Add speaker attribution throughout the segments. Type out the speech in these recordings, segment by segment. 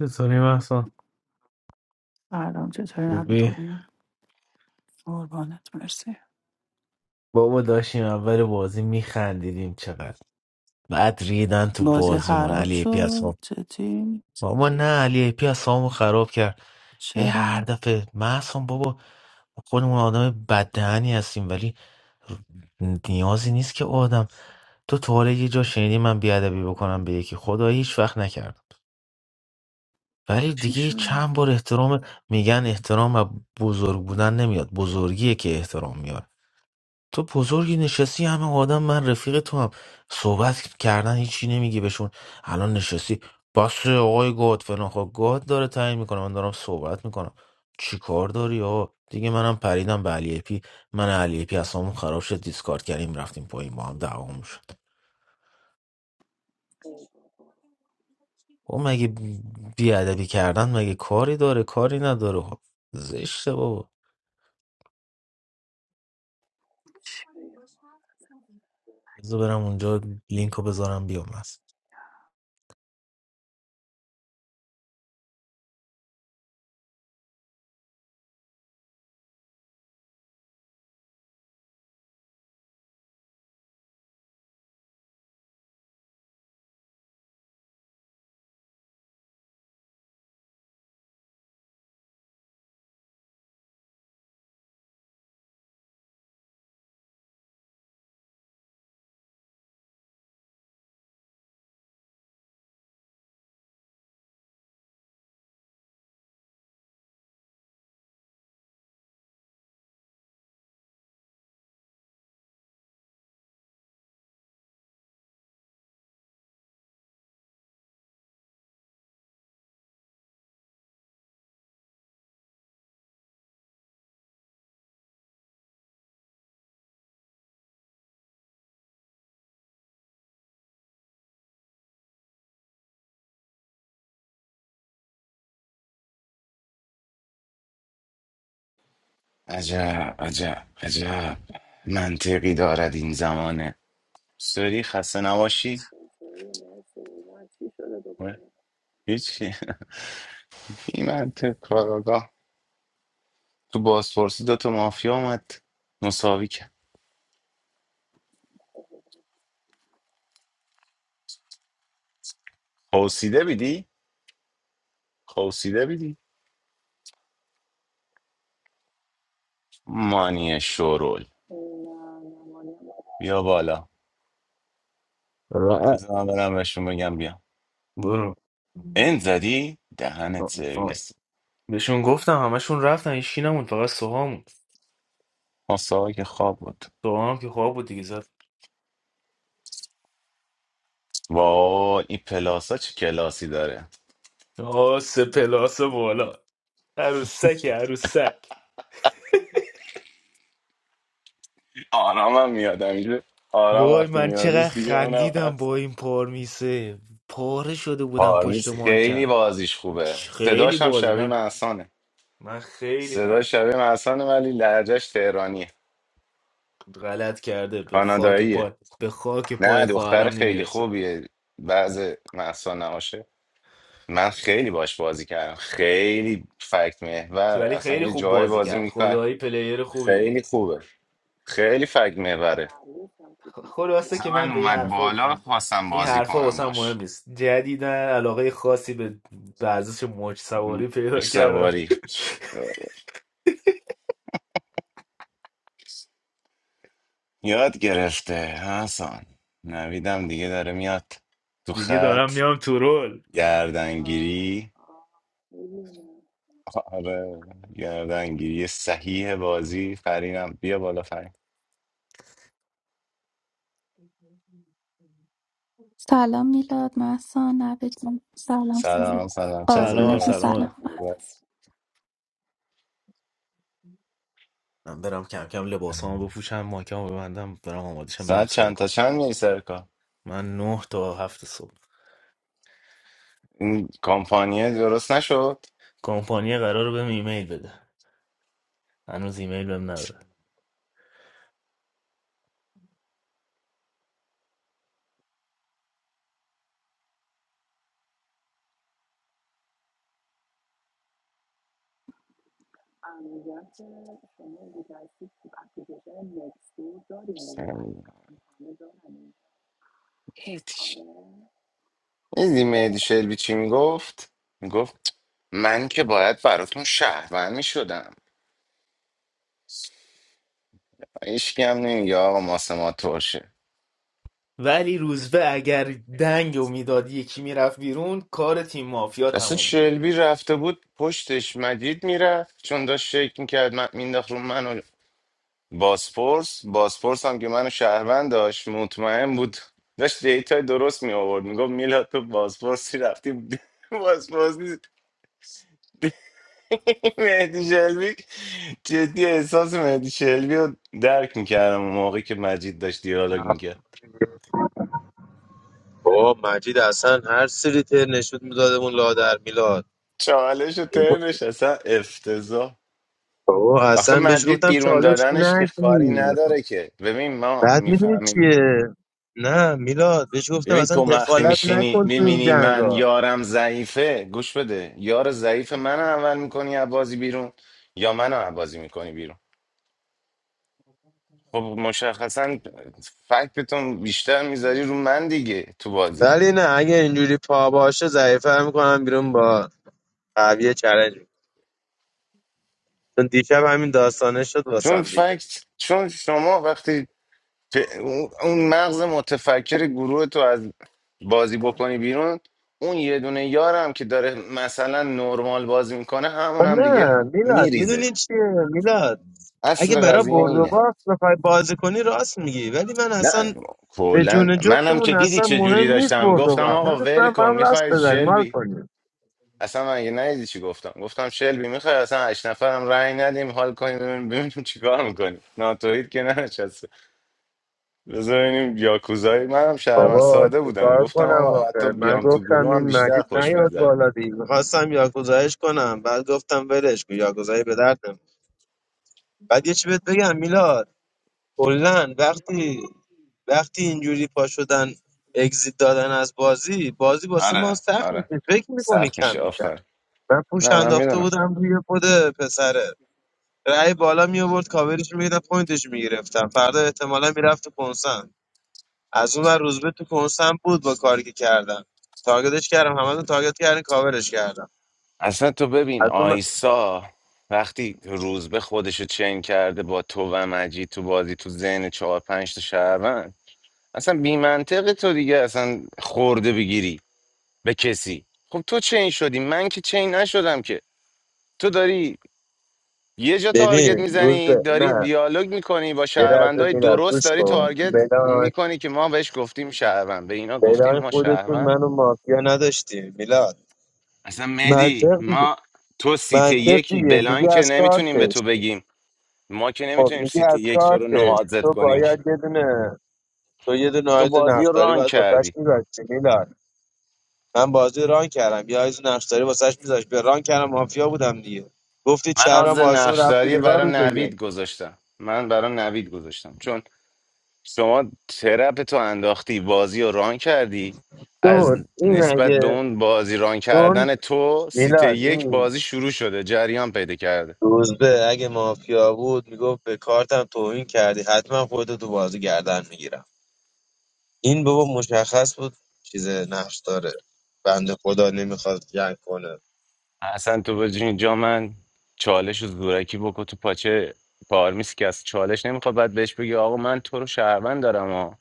Speaker 1: چطوری محسن
Speaker 2: سلام چطوری نبی
Speaker 1: خوبی
Speaker 2: خوبی؟ قربانت مرسی
Speaker 1: بابا داشتیم اول بازی میخندیدیم چقدر بعد ریدن تو
Speaker 2: بازی
Speaker 1: بازیمون
Speaker 2: خراب
Speaker 1: علی ای پی اصلا
Speaker 2: شد جدی
Speaker 1: بابا نه علی ای پی اصلا خراب کرد ای هر
Speaker 2: چرا
Speaker 1: دفعه محسن بابا خودمون آدم بددهنی هستیم ولی نیازی نیست که آدم تو تا حالا یه جا شنیدی من بیادبی بکنم به یکی خدا هیچ وقت نکردم ولی
Speaker 2: چی
Speaker 1: دیگه
Speaker 2: شد
Speaker 1: چند بار احترام میگن احترام و بزرگ بودن نمیاد بزرگیه که احترام میاره تو بزرگی نشستی همه آدم من رفیق تو هم صحبت کردن هیچی نمیگی بهشون الان نشستی بس آقای گاد فلان خب گاد داره تعیین میکنه من دارم صحبت میکنم چی کار داری آقا دیگه منم پریدم به علی پی من علی پی اصلا خراب شد دیسکارد کردیم رفتیم پایین با هم دعوامون شد او مگه بیادبی کردن مگه کاری داره کاری نداره خب زشته بابا بذار برم اونجا لینکو بذارم بیام هست
Speaker 3: عجب عجب عجب منطقی دارد این زمانه سری خسته نباشی و هیچی این منطق کاراگاه تو بازپرسی دوتا مافیا اومد مساوی کرد خوصیده بیدی؟ خوصیده بیدی؟ مانی شورول
Speaker 2: نه نه مانیم
Speaker 3: بیا بالا
Speaker 1: را-
Speaker 3: بذار من برم بهشون بگم بیا
Speaker 1: برو
Speaker 3: این زدی؟ دهنت سرویس
Speaker 1: بهشون گفتم همشون رفتن این نموند فقط سوها موند
Speaker 3: مساوی که خواب بود
Speaker 1: سوها هم که خواب بود دیگه زد
Speaker 3: وای این پلاسا چه کلاسی داره
Speaker 1: آس پلاس بالا عروسک عروسک
Speaker 3: آرامم میاد اینجا آرام
Speaker 1: وای
Speaker 3: وقتی
Speaker 1: من چقدر
Speaker 3: میادش دیگه اونم
Speaker 1: خندیدم
Speaker 3: هست
Speaker 1: با این پارمیسه پاره شده بودم پشت
Speaker 3: پارمیز خیلی
Speaker 1: مایکم
Speaker 3: بازیش خوبه
Speaker 1: چ- خیلی
Speaker 3: صداش هم
Speaker 1: بازی
Speaker 3: شبیه
Speaker 1: من
Speaker 3: محسانه
Speaker 1: من خیلی خند
Speaker 3: صداش شبیه محسانه ولی لهجهش تهرانی
Speaker 1: غلط کرده به خاک
Speaker 3: کاناداییه
Speaker 1: پای به خاک پای
Speaker 3: نه دختر
Speaker 1: خواهرم
Speaker 3: خیلی
Speaker 1: نمیرسه
Speaker 3: خوبیه بعض محسان نماشه من خیلی باش بازی کردم خیلی فکت محور
Speaker 1: ولی
Speaker 3: اصلا
Speaker 1: خیلی
Speaker 3: یه
Speaker 1: خوب
Speaker 3: جای
Speaker 1: بازی
Speaker 3: بازی
Speaker 1: کرد
Speaker 3: میکرد
Speaker 1: خدایی پلیر خوبی بود
Speaker 3: خیلی خوبه خیلی فکت محوره
Speaker 1: خلاصه
Speaker 3: اصلا
Speaker 1: که
Speaker 3: من
Speaker 1: من به این
Speaker 3: اومد
Speaker 1: حرفا
Speaker 3: بالا خواستم
Speaker 1: این
Speaker 3: بازی
Speaker 1: حرفا
Speaker 3: کنم
Speaker 1: واسه مهم
Speaker 3: باش
Speaker 1: نیست جدیدن علاقه خاصی به ورزش موج سواری
Speaker 3: موج
Speaker 1: پیدا کردم
Speaker 3: سواری یاد گرفته حسن نویدم دیگه داره میاد تو
Speaker 1: دیگه دارم
Speaker 3: خط
Speaker 1: میام تو رول
Speaker 3: گردنگیری آره گردنگیری صحیح بازی فرینم بیا بالا فرین
Speaker 4: Salam milad masan, abed. Salam
Speaker 3: سلام
Speaker 4: salam.
Speaker 3: سلام
Speaker 4: Oruna
Speaker 1: سلام
Speaker 3: چطوری
Speaker 4: ten
Speaker 1: سلام
Speaker 4: salam ba.
Speaker 3: بس
Speaker 1: من برم کم کم لباسامو بپوشم ماکمو ببندم برم آمادشم برم
Speaker 3: ساعت
Speaker 1: سر
Speaker 3: چند تا
Speaker 1: کار
Speaker 3: چند میری سر کار
Speaker 1: من نه تا هفت صبح
Speaker 3: این کامپانیه درست نشد
Speaker 1: کمپانی قرار بهم ایمیل بده هنوز ایمیل بهم نداده
Speaker 2: من میگم که شما دیگه هستید تو اپلیکیشن نکستور داریم دیگه قرار همه دارن این کار
Speaker 3: میدی مهدی شلبی چی میگفت میگفت من که باید براتون شهروند میشدم هیچکی هم نمیگه آقا ماسه ما ترشه
Speaker 1: ولی روزبه اگر دنگ و میداد یکی میرفت بیرون کار تیم مافیا
Speaker 3: اصلا
Speaker 1: تموم
Speaker 3: شلبی رفته بود پشتش مجید میرفت چون داشت شک میکرد من مینداخت رو من و باسپورس باسپورس هم که منو شهروند داشت مطمئن بود داشت دیتا درست می آورد میگفت میلاد تو باسپورسی رفتی باسپورس نیست. مهدی شلبی جدی احساس مهدی شلبی رو درک میکردم اون موقعی که مجید داشت دیالوگ میکرد
Speaker 5: بابا مجید اصلا هر سری نشود بود میدادمون لادر میلاد
Speaker 3: چالش و ترنش اصلا افتضاح
Speaker 5: بابا
Speaker 3: آخه
Speaker 5: اصلا بهش
Speaker 3: مجید
Speaker 5: گفتم
Speaker 3: بیرون
Speaker 5: چالش
Speaker 3: دادنش که کاری
Speaker 5: نگی
Speaker 3: نداره که ببین ما
Speaker 5: بعد میدونی
Speaker 3: میفهمیم
Speaker 5: چیه نه میلاد بهش گفتم
Speaker 3: ببین
Speaker 5: اصلا
Speaker 3: تو وقتی
Speaker 5: دخالت
Speaker 3: میشینی
Speaker 5: نکن تو این
Speaker 3: میبینی من
Speaker 5: جنگا
Speaker 3: یارم ضعیفه گوش بده یار ضعیف من اول میکنی عبازی بیرون یا منو عبازی میکنی بیرون خب مشخصا فکتتون بیشتر میذاری رو من دیگه تو بازی
Speaker 5: ولی نه اگه اینجوری پا باشه ضعیفه میکنم بیرون با قویه چلنج چون دیشب همین داستانه شد
Speaker 3: چون
Speaker 5: واسم دیگه
Speaker 3: فکت چون شما وقتی پ- اون اون مغز متفکر گروه تو از بازی بکنی بیرون اون یه دونه یارم که داره مثلا نرمال بازی میکنه همون
Speaker 5: آه
Speaker 3: هم دیگه
Speaker 5: نه میلاد
Speaker 3: میریزه
Speaker 5: میدونی چیه میلاد اگه
Speaker 3: اصل
Speaker 5: برای
Speaker 3: قضیه
Speaker 5: برد و
Speaker 3: اینه
Speaker 5: باخت بخوای بازی کنی راست میگی ولی من
Speaker 3: نه
Speaker 5: اصلا به
Speaker 3: کلا
Speaker 5: جون
Speaker 3: منم
Speaker 5: جفتمون
Speaker 3: که دیدی
Speaker 5: اصلا
Speaker 3: چه جوری
Speaker 5: مهم نیست
Speaker 3: داشتم
Speaker 5: برد و
Speaker 3: گفتم
Speaker 5: باخت من
Speaker 3: آقا ول
Speaker 5: دوستم با
Speaker 3: کن
Speaker 5: هم لاست
Speaker 3: میخوای
Speaker 5: بزنیم حال
Speaker 3: شلبی
Speaker 5: کنیم
Speaker 3: اصلا من اگه ندیدی چی گفتم گفتم شلبی میخوای اصلا هشت نفرم رأی ندیم حال کنیم ببینیم ببینیم چیکار میکنیم ناتوید که ننشسته بذار ببینیم یاکوزایی منم شهرمن
Speaker 5: بابا
Speaker 3: ساده بودم
Speaker 5: چیکار
Speaker 3: گفتم
Speaker 5: کنم
Speaker 3: آقا حتی
Speaker 5: آخه من
Speaker 3: بیام تو
Speaker 5: گفتم
Speaker 3: گروه هم
Speaker 5: این
Speaker 3: بیشتر
Speaker 5: مجید
Speaker 3: خوش
Speaker 5: نیاد
Speaker 3: میگذره
Speaker 5: بالا دیگه میخواستم یاگوزایش کنم بعد گفتم ولش کن یاگوزایی به درد نمی‌خوره. بعد یه چی بهت بگم میلاد کلا وقتی وقتی اینجوری پا شدن اگزیت دادن از بازی بازی واسه ما
Speaker 3: آره
Speaker 5: سخت
Speaker 3: آره
Speaker 5: میشه فکر میکنی
Speaker 3: سخت
Speaker 5: کم
Speaker 3: میشه
Speaker 5: میشه
Speaker 3: آفر
Speaker 5: من پوش
Speaker 3: نه من
Speaker 5: انداخته
Speaker 3: میدونم
Speaker 5: بودم روی خود پسره رأی بالا می آورد کاورش میگرفتم پوینتش میگرفتم فردا احتمالا میرفت تو کنسم از اون ور روزبه تو کنسم بود با کاری که کردم تارگتش کردم همتون تارگت کردین کاورش کردم
Speaker 3: اصلا تو ببین
Speaker 5: از اون
Speaker 3: آیسا وقتی روزبه خودشو چین کرده با تو و مجید تو بازی تو ذهن چهار پنج تا شهروند اصلا بی منطقه تو دیگه اصلا خورده بگیری به کسی خب تو چین شدی من که چین نشدم که تو داری یه جا تارگت
Speaker 5: ببین
Speaker 3: میزنی
Speaker 5: روزبه
Speaker 3: داری
Speaker 5: نه
Speaker 3: دیالوگ میکنی با
Speaker 5: یه لحظه
Speaker 3: شهروندهای
Speaker 5: میلاد
Speaker 3: درست
Speaker 5: گوش
Speaker 3: داری
Speaker 5: کن
Speaker 3: تارگت
Speaker 5: بلان
Speaker 3: میکنی که ما بهش گفتیم شهروند به اینا گفتیم
Speaker 5: بلان
Speaker 3: ما
Speaker 5: خودتون
Speaker 3: شهروند
Speaker 5: منو مافیا نداشتیم میلاد
Speaker 3: اصلا مهدی
Speaker 5: منطق دیگه
Speaker 3: ما تو سیت
Speaker 5: منطق
Speaker 3: یکی
Speaker 5: دیگه
Speaker 3: بلان
Speaker 5: میگه
Speaker 3: که
Speaker 5: از
Speaker 3: نمیتونیم به تو
Speaker 5: کارتش
Speaker 3: بگیم ما که
Speaker 5: خب
Speaker 3: نمیتونیم
Speaker 5: میگه
Speaker 3: سیتی
Speaker 5: از
Speaker 3: یک تو رو
Speaker 5: کارتش
Speaker 3: نوازت
Speaker 5: تو
Speaker 3: کنیم که.
Speaker 5: باید یه دونه تو یه دونه
Speaker 3: تو
Speaker 5: آید
Speaker 3: بازی رو
Speaker 5: نفتاری
Speaker 3: ران
Speaker 5: باید واسش
Speaker 3: کردی
Speaker 5: میبستی میلاد من بازی ران کردم یه آیز نقشداری واسش میذاش به ران کردم مافیا بودم دیگه گفتی
Speaker 3: من
Speaker 5: چهران
Speaker 3: آز
Speaker 5: بازون رفتی
Speaker 3: نقشداری
Speaker 5: بیرون رو
Speaker 3: برای
Speaker 5: بگه
Speaker 3: نوید گذاشتم من برای نوید گذاشتم چون شما ترپ تو انداختی بازی رو ران کردی
Speaker 5: دور
Speaker 3: از
Speaker 5: این
Speaker 3: نسبت به
Speaker 5: اگه
Speaker 3: اون بازی ران
Speaker 5: چون
Speaker 3: کردن تو سیت
Speaker 5: میلاد
Speaker 3: یک
Speaker 5: این
Speaker 3: بازی شروع شده جریان پیدا کرده
Speaker 5: روزبه اگه مافیا بود میگفت به کارتم توهین کردی حتما خودتو تو بازی گردن میگیرم این بابا مشخص بود چیز نقش داره بنده خدا نمیخواد جنگ کنه
Speaker 3: اصلا تو بازی من چالش و زورکی بکو تو پاچه پارمیس که از چالش نمیخواد بعد بهش بگی آقا من تو رو شهروند دارم و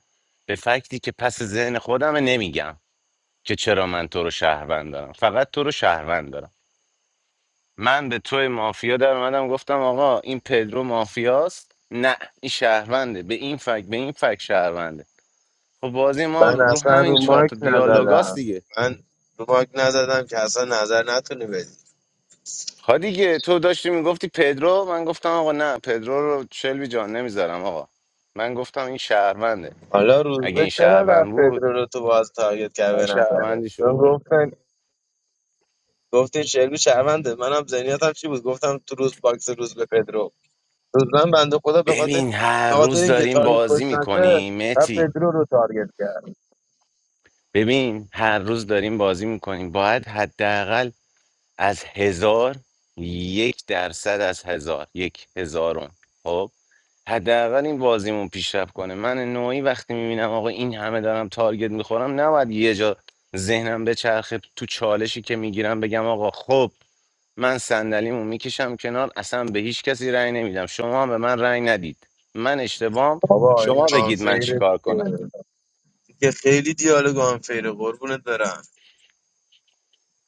Speaker 3: به فکتی که پس ذهن خودمه نمیگم که چرا من تو رو شهروند دارم فقط تو رو شهروند دارم من به توی مافیا در اومدم گفتم آقا این پدرو مافیاست نه این شهرونده به این فکت به این فکت شهرونده خب بازی ما
Speaker 5: من
Speaker 3: رو
Speaker 5: اصلا رو
Speaker 3: همین چهار
Speaker 5: مایک
Speaker 3: تا دیالوگاست
Speaker 5: نزدم
Speaker 3: دیگه
Speaker 5: من رو مایک نزدم که اصلا نظر نتونه بدی
Speaker 3: ها دیگه تو داشتی میگفتی پدرو من گفتم آقا نه پدرو رو شلبی جان نمیذارم آقا من گفتم این شهرونده
Speaker 5: حالا
Speaker 3: اگه
Speaker 5: روزبه
Speaker 3: این
Speaker 5: چرا رفت
Speaker 3: شهروند بود
Speaker 5: پدرو رو تو باز تارگت کرد
Speaker 3: من
Speaker 5: به نظره
Speaker 3: شهروندی
Speaker 5: چون
Speaker 3: شو
Speaker 5: گفتن گفتین شلبی شرمنده منم ذهنیتم چی بود گفتم تو روز باکس روز به پدرو روز من بنده خدا به خاطر
Speaker 3: ببین هر
Speaker 5: به خاطر
Speaker 3: روز
Speaker 5: اینکه
Speaker 3: داریم
Speaker 5: تارگت کش
Speaker 3: بازی
Speaker 5: نشه
Speaker 3: میکنیم
Speaker 5: و
Speaker 3: متی
Speaker 5: پدرو رو تارگت کرد
Speaker 3: ببین هر روز داریم بازی میکنیم باید حداقل از هزار یک درصد از هزار یک هزارم خب حداقل این بازیمون پیشرفت کنه من نوعی وقتی میبینم آقا این همه دارم تارگت میخورم نباید یه جا ذهنم به چرخه تو چالشی که میگیرم بگم آقا خب من صندلیمو میکشم کنار اصلا به هیچ کسی رأی نمیدم شما هم به من رأی ندید من اشتباهم
Speaker 5: بابا این
Speaker 3: شما بگید من
Speaker 5: آنفیره
Speaker 3: چیکار کنم
Speaker 5: دیگه که خیلی دیالوگ آنفیره قربونت برم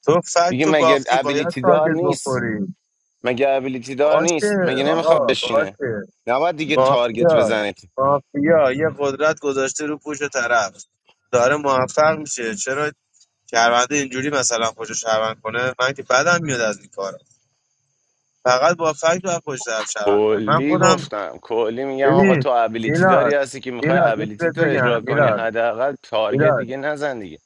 Speaker 5: تو فکت
Speaker 3: دیگه
Speaker 5: تو
Speaker 3: مگه
Speaker 5: باختی باید
Speaker 3: ابیلیتی دار
Speaker 5: تارگت
Speaker 3: نیست
Speaker 5: بخوری
Speaker 3: مگه ابیلیتی دار نیست
Speaker 5: باشه
Speaker 3: مگه نمیخواد
Speaker 5: آقا
Speaker 3: بشینه
Speaker 5: باشه
Speaker 3: نباید دیگه تارگت
Speaker 5: مافیا
Speaker 3: بزنید
Speaker 5: مافیا یه قدرت گذاشته رو پوش طرف داره موفق میشه چرا شهرونده اینجوری مثلا خوشو شهروند کنه من که بدم میاد از این کارا فقط با فکت باید خوش طرف شهروند کنه من
Speaker 3: کلی
Speaker 5: خودم
Speaker 3: گفتم کلی میگم آقا
Speaker 5: ببین
Speaker 3: تو ابیلیتی
Speaker 5: میلاد
Speaker 3: داری هستی که میخوای
Speaker 5: میلاد یه چیز
Speaker 3: ابیلیتی
Speaker 5: بهت
Speaker 3: تو
Speaker 5: بگم
Speaker 3: اجرا کنی
Speaker 5: میلاد
Speaker 3: حداقل تارگت
Speaker 5: میلاد
Speaker 3: دیگه نزن دیگه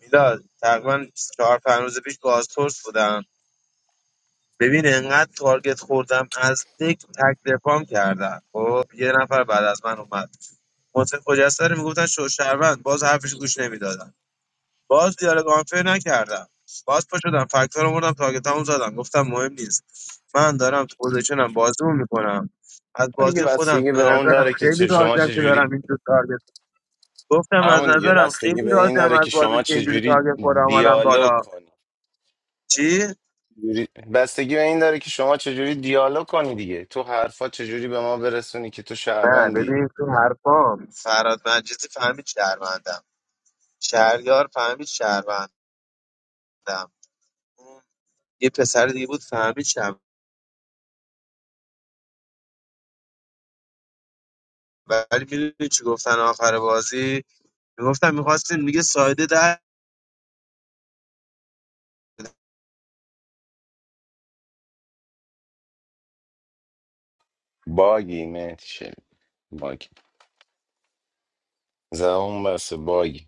Speaker 5: میلاد تقریبا چهار پنج روز پیش بازپرس بودم ببین انقدر تارگت خوردم از دک تک دفام کردم خب یه نفر بعد از من اومد محسن خجسته رو میگفتن شوشهروند باز حرفش گوش نمیدادم باز دیالوگ آنفر نکردم باز پا شدم فکت‌ها رو مردم تاگتامو زدم گفتم مهم نیست من دارم تو پوزیشنم بازیمو میکنم از
Speaker 3: آه، دیگه
Speaker 5: بازی خودم
Speaker 3: بستگی
Speaker 5: به
Speaker 3: به اون
Speaker 5: نظرم
Speaker 3: داره که
Speaker 5: خیلی
Speaker 3: چه شما
Speaker 5: راضیم که
Speaker 3: چجوری
Speaker 5: دارم اینجور تارگت گفتم از
Speaker 3: همون دیگه
Speaker 5: نظرم خیلی
Speaker 3: بستگی به این
Speaker 5: راضیم
Speaker 3: داره
Speaker 5: از
Speaker 3: که
Speaker 5: بازیم
Speaker 3: شما
Speaker 5: که اینجوری
Speaker 3: چجوری
Speaker 5: تارگت خود آمدم
Speaker 3: دیالوگ
Speaker 5: بالا
Speaker 3: کنی
Speaker 5: چی؟
Speaker 3: چجوری- بستگی به این داره که شما چجوری دیالوگ کنی دیگه تو حرفا چجوری به ما برسونی که تو
Speaker 5: نه
Speaker 3: شهروندی
Speaker 5: ببین تو حرفام فراد مجلسی فهمید شهروندم شهریار فهمید شهروندم اون یه پسر دیگه بود فهمید ولی میدونی چی گفتن آخر بازی میگفتن میخواستین میگه سایده در
Speaker 3: باگی مهدی شلبی. باگ زبون بسته باگی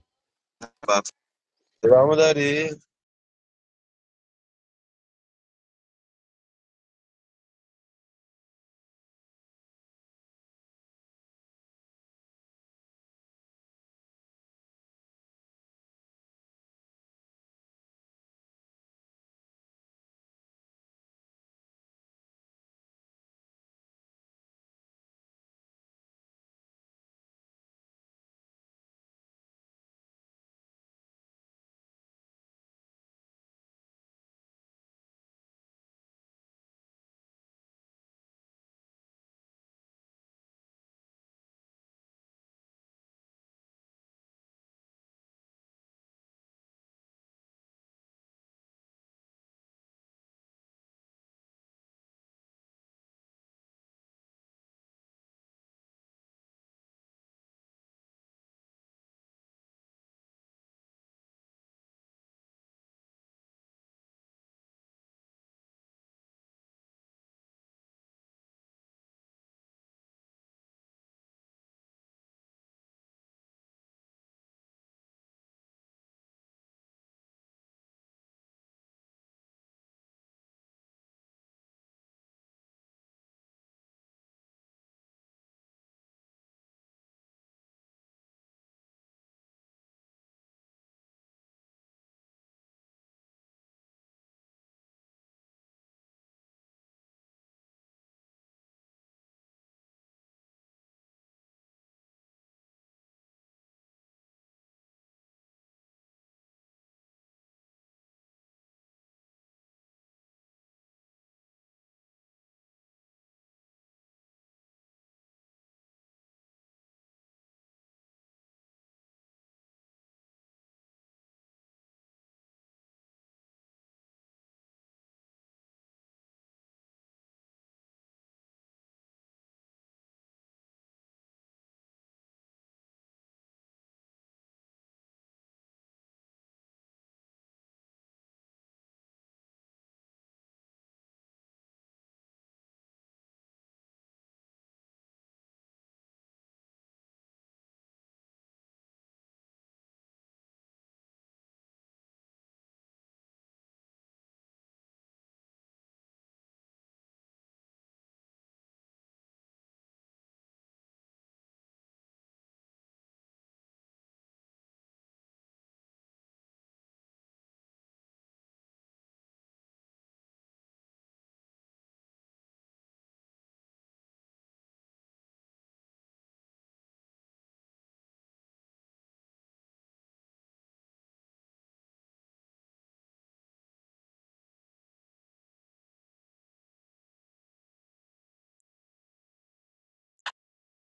Speaker 5: بفهمو داری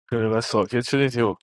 Speaker 1: 그래 봤어. 개출이 되고.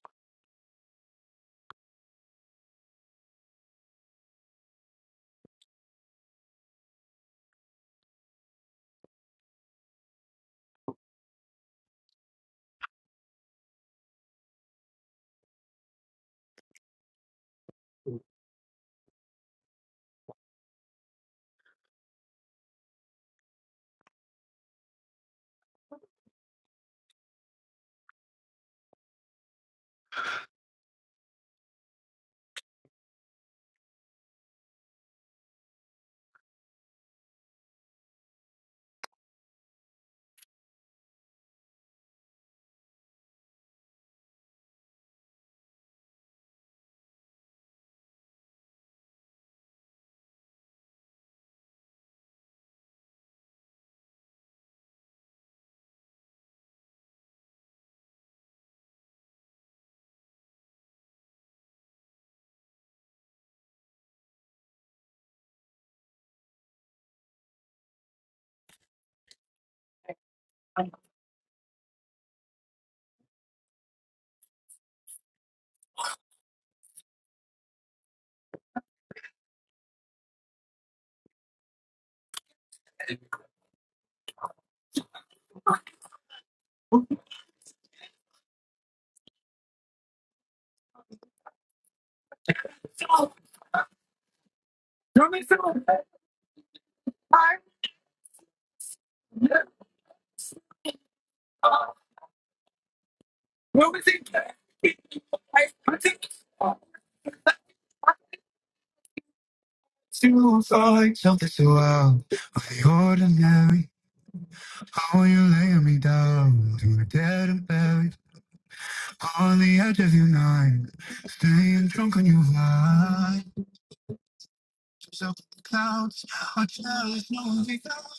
Speaker 1: Two sides of this world are the ordinary. How you lay me down to the dead and buried on the edge of your night. Staying drunk on your vibes, yourself in the clouds. I cherish no one without.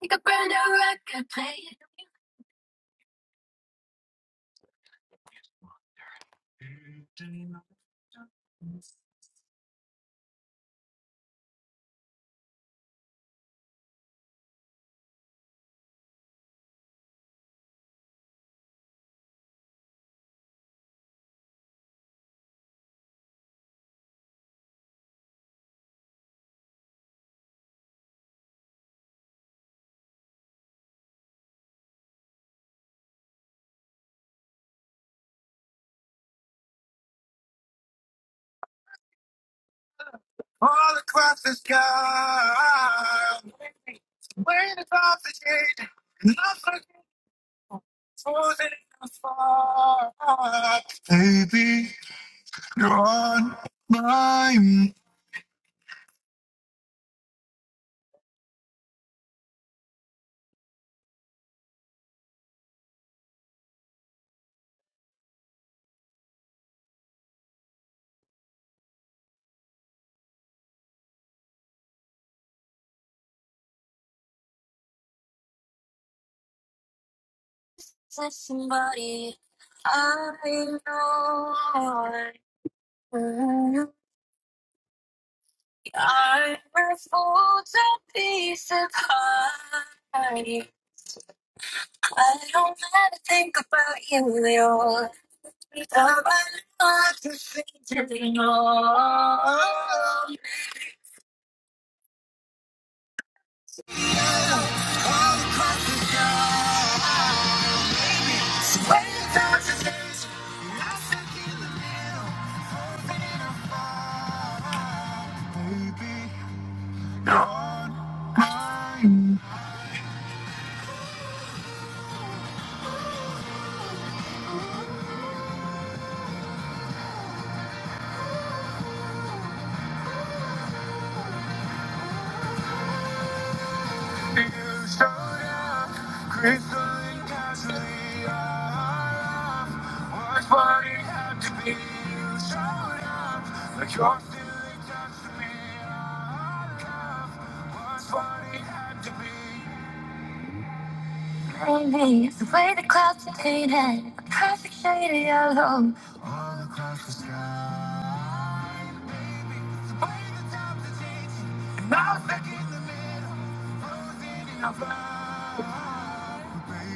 Speaker 1: Take a brand new record player. All across the sky, waiting across the shade, not looking for the far. Baby, you're on my mind. There's somebody I know. Mm, I'm a fool to be surprised. I don't ever think about you, at all. Like you're feeling just me, I love. That's what it had to be. Rainy, the way the clouds are painted, a perfect shade of yellow. All across the sky, the way the time to change, and I was back in the middle, meaning of love.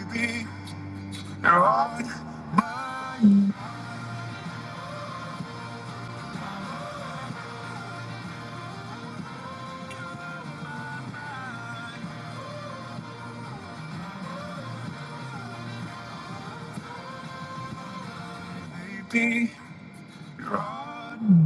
Speaker 1: Baby, you're on my baby, you're on.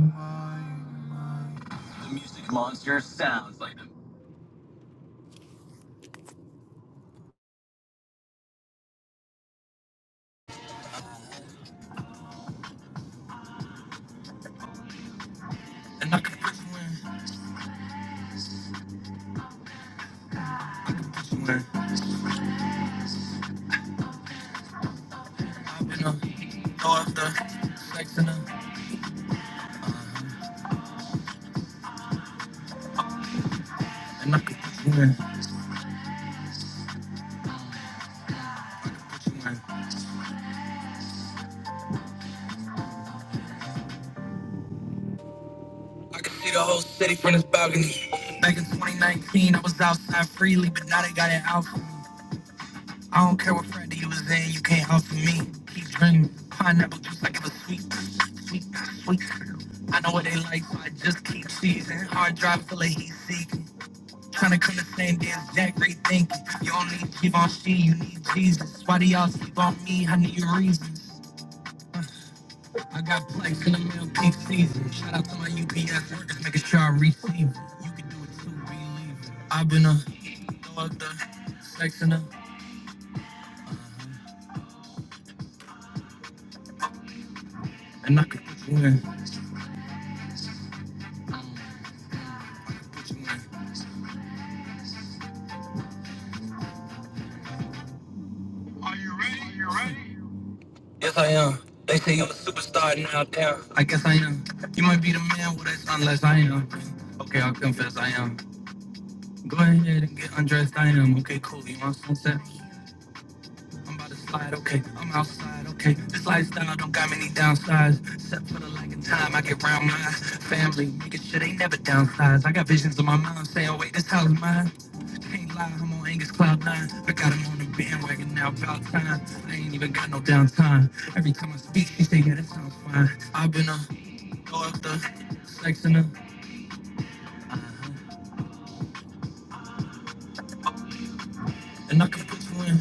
Speaker 1: And I can put you in, put you in. I can see the whole city from this balcony. Back in 2019, I was outside freely, but now they got it out. for me. I don't care what Friday you was in, you can't hustle me. Keep drinking pineapple juice like it was sweet, sweet, sweet. I know what they like, so I just keep seizing. Hard drive, feel like he's seeking. Trying to come the same day as Jack Ray thinking. You don't need Givenchy, you need Jesus. Why do y'all sleep on me? I need your reasons. I got plaques in the mail peak season. Shout out to my UPS workers, making sure I receive it. You can do it too, believe it. I've been a thug, the her, and I could put you in. Um, You ready? Yes, I am. They say I'm a superstar now, damn. I guess I am. You might be the man with us unless I am. Okay, I'll confess I am. Go ahead and get undressed, I am. Okay, cool. You want sunset? I'm about to slide, okay. I'm outside, okay. This lifestyle don't got many downsides. Except for the lack of time, I get round my family. Making sure they never downsize. I got visions in my mind saying, oh wait, this house is mine. Can't lie, I'm on Angus Cloud 9. I got him on the bandwagon now, about time. I ain't even got no downtime. Every time I speak, she say, yeah, that sounds fine. I've been a doctor, sexing her. Uh-huh. And I can put you in,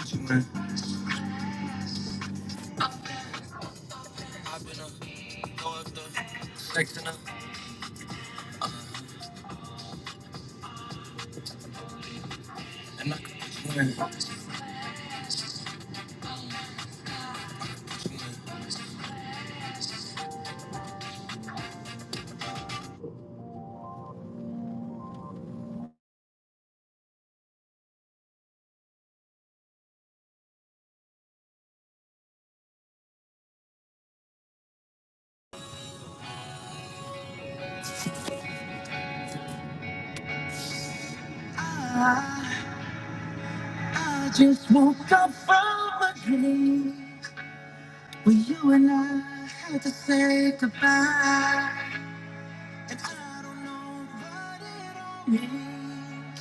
Speaker 1: put you in. I've been a doctor, sexing her. And I can put you in. Well, you and I had to say goodbye, and I don't know what it all means.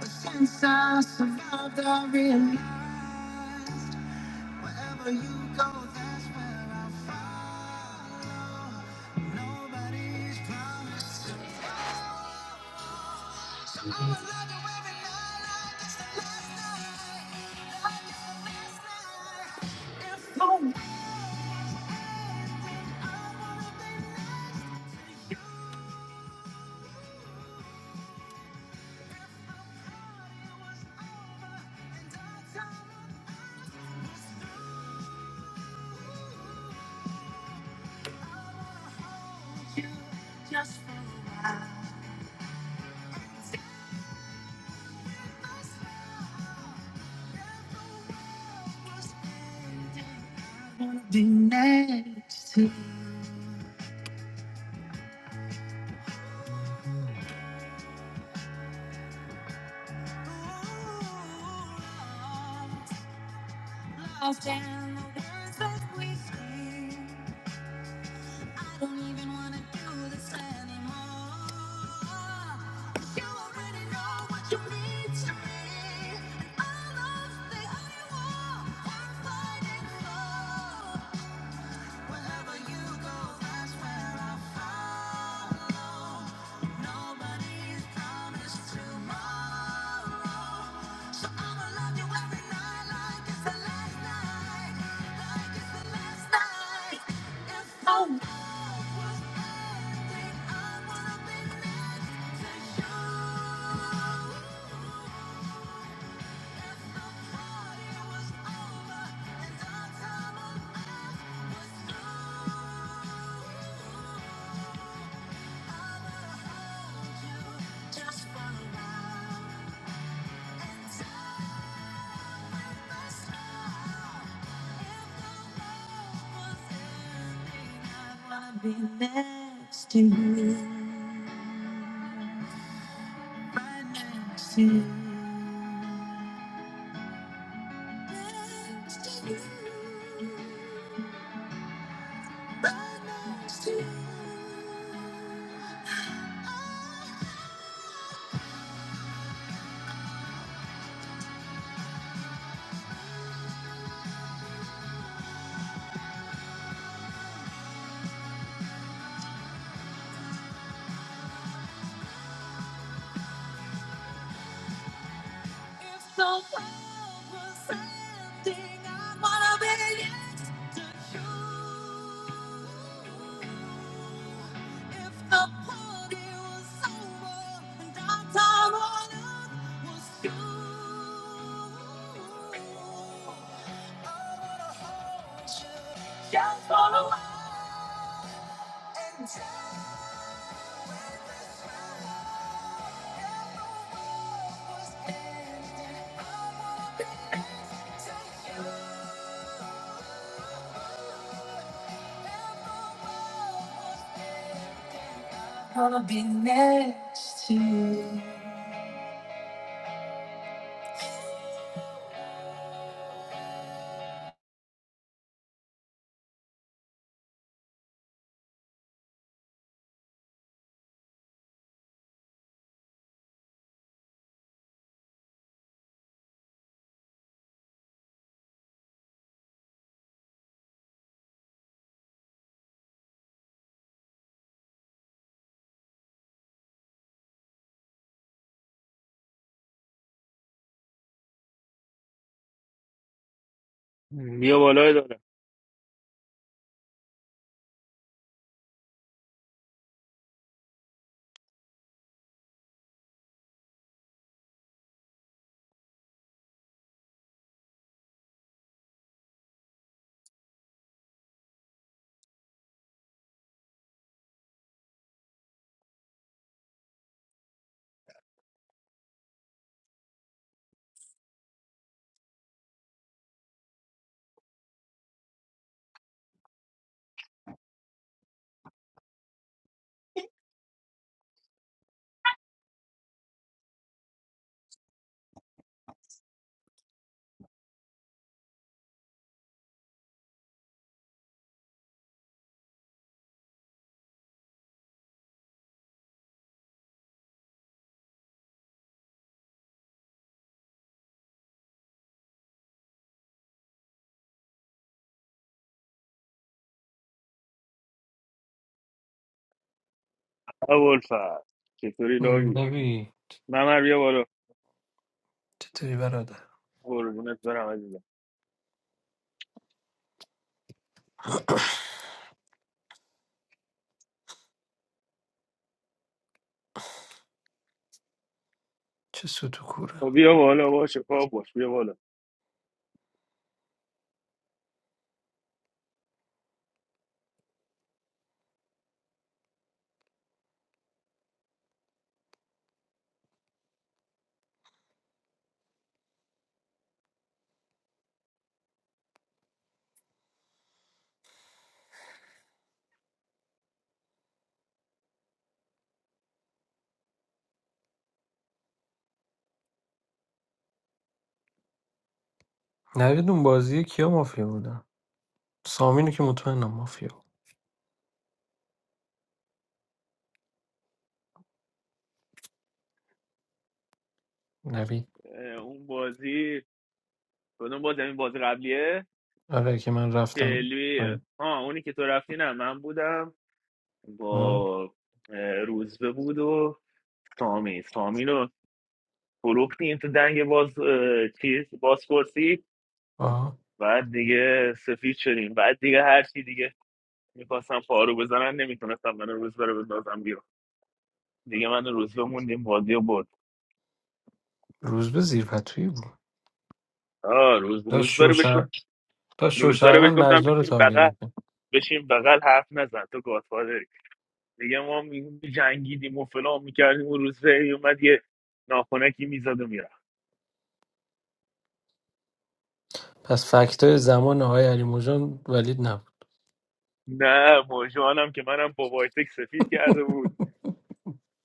Speaker 1: But since I survived, I really بیا بالای داره
Speaker 6: نبی چطوری برادر
Speaker 1: قربونت برم عزیزم
Speaker 6: چه سوت و کوره نوید اون بازی کیا مافیا بودن سامینو که مطمئنم مافیا بود نوید
Speaker 1: اه، اون بازی کدوم بازی این بازی قبلیه
Speaker 6: آره که من رفتم
Speaker 1: شلبی
Speaker 6: پایین
Speaker 1: ها اونی که تو رفتی نه من بودم
Speaker 6: آه.
Speaker 1: با اه، روزبه بود و سامی سامی رو فروختیم تو دنگ باز اه، چیز بازپرسی
Speaker 6: آه.
Speaker 1: بعد دیگه سفید شدیم بعد دیگه هر چی دیگه میخواستم پارو بزنن نمیتونستم من روز بره بندازم بیرون دیگه من و روز موندیم وادی و برد
Speaker 6: روز به زیر پتویی بود
Speaker 1: آه روز
Speaker 6: داشت
Speaker 1: روز بره بشو
Speaker 6: شوشر داشت
Speaker 1: روز بره بهش
Speaker 6: شوشرمن
Speaker 1: گفتم
Speaker 6: نجلا رو
Speaker 1: بشین
Speaker 6: تارگت
Speaker 1: بغل
Speaker 6: میکنه
Speaker 1: بشین بغل حرف نزن تو گادفادری دیگه ما می جنگیدیم و فلان میکردیم و روز اومد یه ناخونکی میزد و میرفت
Speaker 6: پس فکتای زمان آقای علی موجان ولید نبود
Speaker 1: نه موجوانم که منم با وایتک سفید کرده بود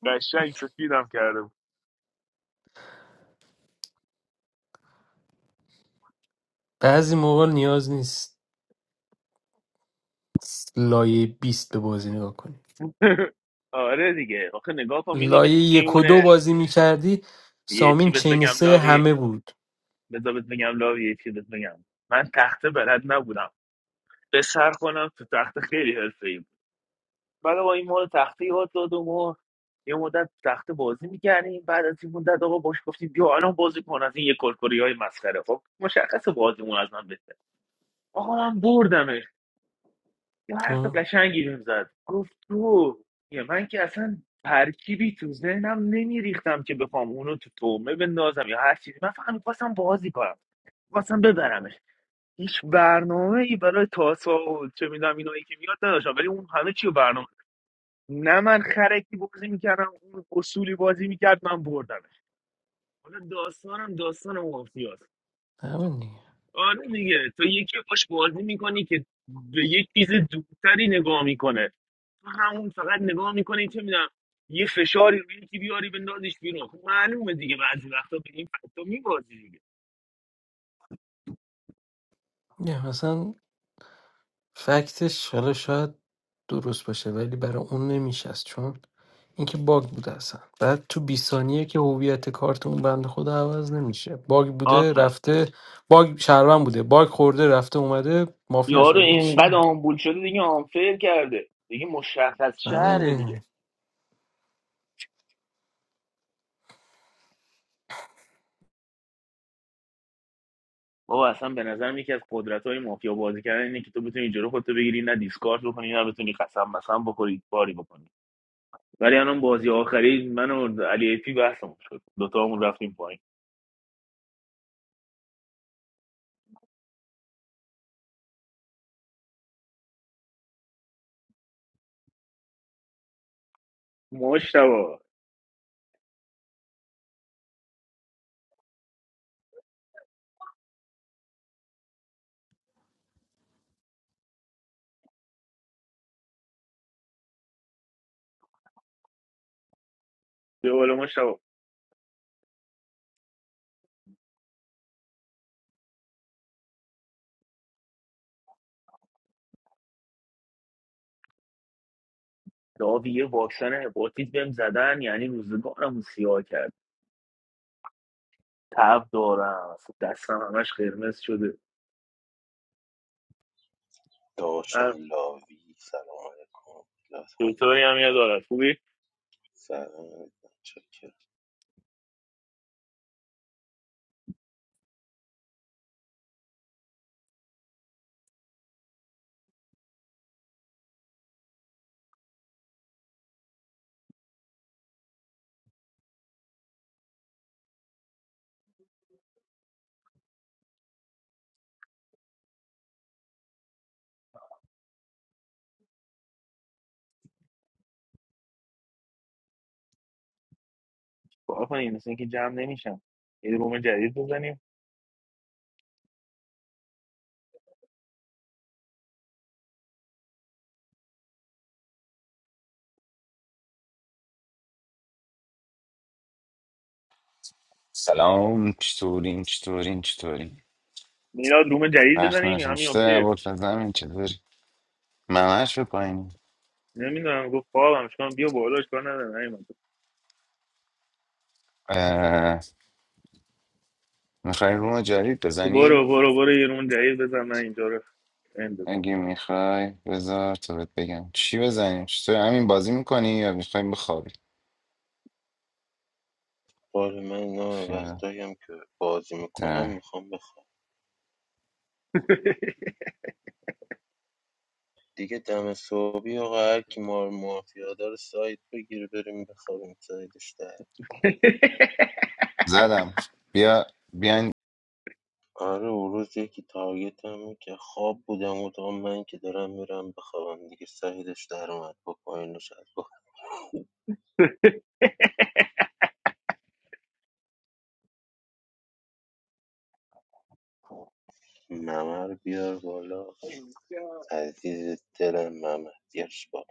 Speaker 1: قشنگ سفیدم کرده بود
Speaker 6: بعضی موقع نیاز نیست لایه بیست به بازی نگاه کنی
Speaker 1: آره دیگه آخه نگاه کن می‌بینی
Speaker 6: لایه
Speaker 1: مثل چی
Speaker 6: یک و
Speaker 1: می‌مونه؟
Speaker 6: دو بازی میکردی
Speaker 1: یه چی
Speaker 6: سامین
Speaker 1: بهت
Speaker 6: چین
Speaker 1: بگم
Speaker 6: سه
Speaker 1: لاوی
Speaker 6: همه بود
Speaker 1: بذار بهت بگم لاوی یه چی بهت بگم من تخته بلد نبودم به سر کنم تو تخته خیلی حرفه ای بود بعد با این مورد تخته یاد داد و یه مدت تخته بازی میکردیم بعد از این مدت آقا باش گفتیم بیا الان بازی کن از این یه کلکلی های مسخره خب مشخص بازیمون از من بهتر آقا من بردمش یه حرف
Speaker 6: تو
Speaker 1: قشنگی بهم زد گفت تو یه من که اصلا ترکیبی تو ذهنم نمیریختم که بخوام اونو تو تومه بندازم یا هر چیزی من فقط میخواستم بازی کنم خواستم ببرمش هیچ برنامه ای برای تاسا چه میدونم اینایی که میاد نداشتم ولی اون همه چی رو برنامه نه من خرکی بازی میکردم اون اصولی بازی میکرد من بردمش حالا داستانم داستان مافیاست
Speaker 6: همه دیگه
Speaker 1: آره دیگه تو یکی باش بازی میکنی که به یک چیز دورتری نگاه میکنه تو همون فقط نگاه میکنی چه میدونم یه فشاری روی یکی بیاری بندازیش بیرون خب معلومه دیگه بعضی وقتا به این فکتا میبازی
Speaker 6: نه مثلا فکتش حالا شاید درست باشه ولی برای اون نمیشست چون اینکه باگ بوده اصلا بعد تو 20 ثانیه که هویت کارت اون بند خدا عوض نمیشه باگ
Speaker 1: دیگه
Speaker 6: بوده رفته باگ شهروند بوده باگ خورده رفته اومده مافیا
Speaker 1: یارو
Speaker 6: شده چی
Speaker 1: اینقدر آمبول شده دیگه آنفیل کرده دیگه مشخص شهره
Speaker 6: معمولی
Speaker 1: دیگه بابا اصلا به نظرم یکی از قدرت های مافیا بازی کردن اینه که تو بتونی جلو خودتو بگیری نه دیسکارد بکنی نه بتونی قسم مثلا بخوری کاری بکنی ولی الان بازی آخری من و علی ایپی بحثمون شد دوتامون رفتیم پایین مشتبا بیا بالا مشتبا داوی یه واکسن هپاتیت بهم زدن یعنی روزگارمو سیاه کرد تب دارم اصلا دستم همش قرمز شده من
Speaker 7: داشم لاوی سلام علیکم لطفاً
Speaker 1: دکتری هم یه دارد
Speaker 7: مصنوی
Speaker 1: خوبی
Speaker 7: سلام علیکم چکرم
Speaker 1: کار کنیم مثل اینکه جمع نمیشم یه روم جدید بزنیم
Speaker 3: سلام چطورین چطورین چطورین وقت نشمشته
Speaker 1: کیف
Speaker 3: عباد زمین چطوری ممش به پایین
Speaker 1: نمیدونم گفت خوابم چون بیا بالا اشکال نداره نیومد
Speaker 3: میخوای روم جدید
Speaker 1: برو
Speaker 3: بزنی؟
Speaker 1: برو برو یه روم جدید بزن من اینجا رو end بزن
Speaker 3: اگه میخوای بذار تو بهت بگم چی بزنیم چطور همین بازی میکنی یا میخوای بخوابی
Speaker 7: بار من نام
Speaker 3: خیال.
Speaker 7: وقتایم که بازی میکنم
Speaker 3: ده.
Speaker 7: میخوام بخواب دیگه دم صبحی آقا هر کی مار مافیا داره سایت بگیره بریم بخوابیم سایدش در
Speaker 3: زدم بیا بیا
Speaker 7: آره اون روز یکی تارگت که خواب بودم و تا من که دارم میرم بخوابم دیگه سایدش در اومد با پایینش از با ممر بیار بالا عزیز دلم ممر بیارش بالا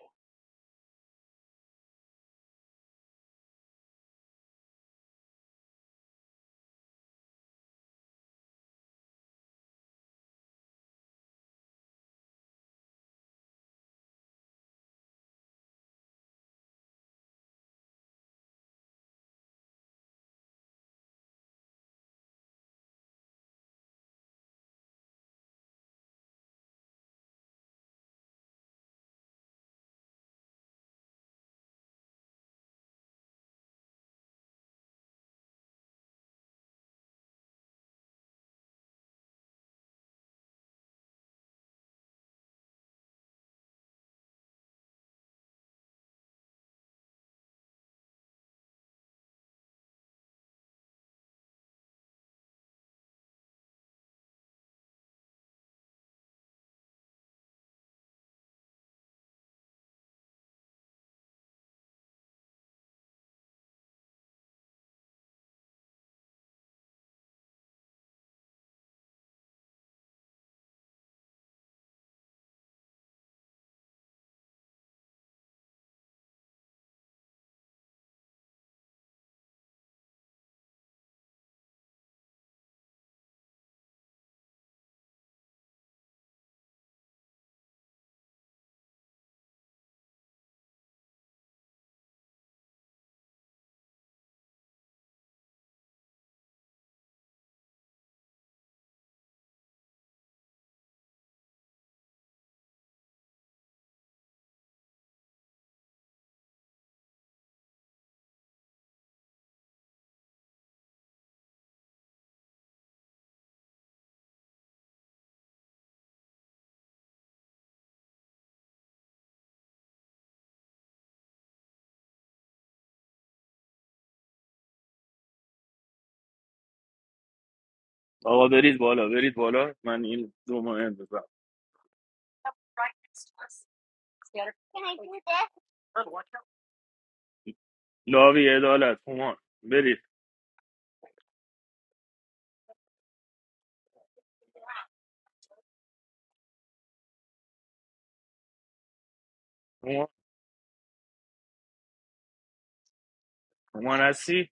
Speaker 1: آقا برید بالا برید بالا من این روم رو end بزن لاوی عدالت هومان برید When I see,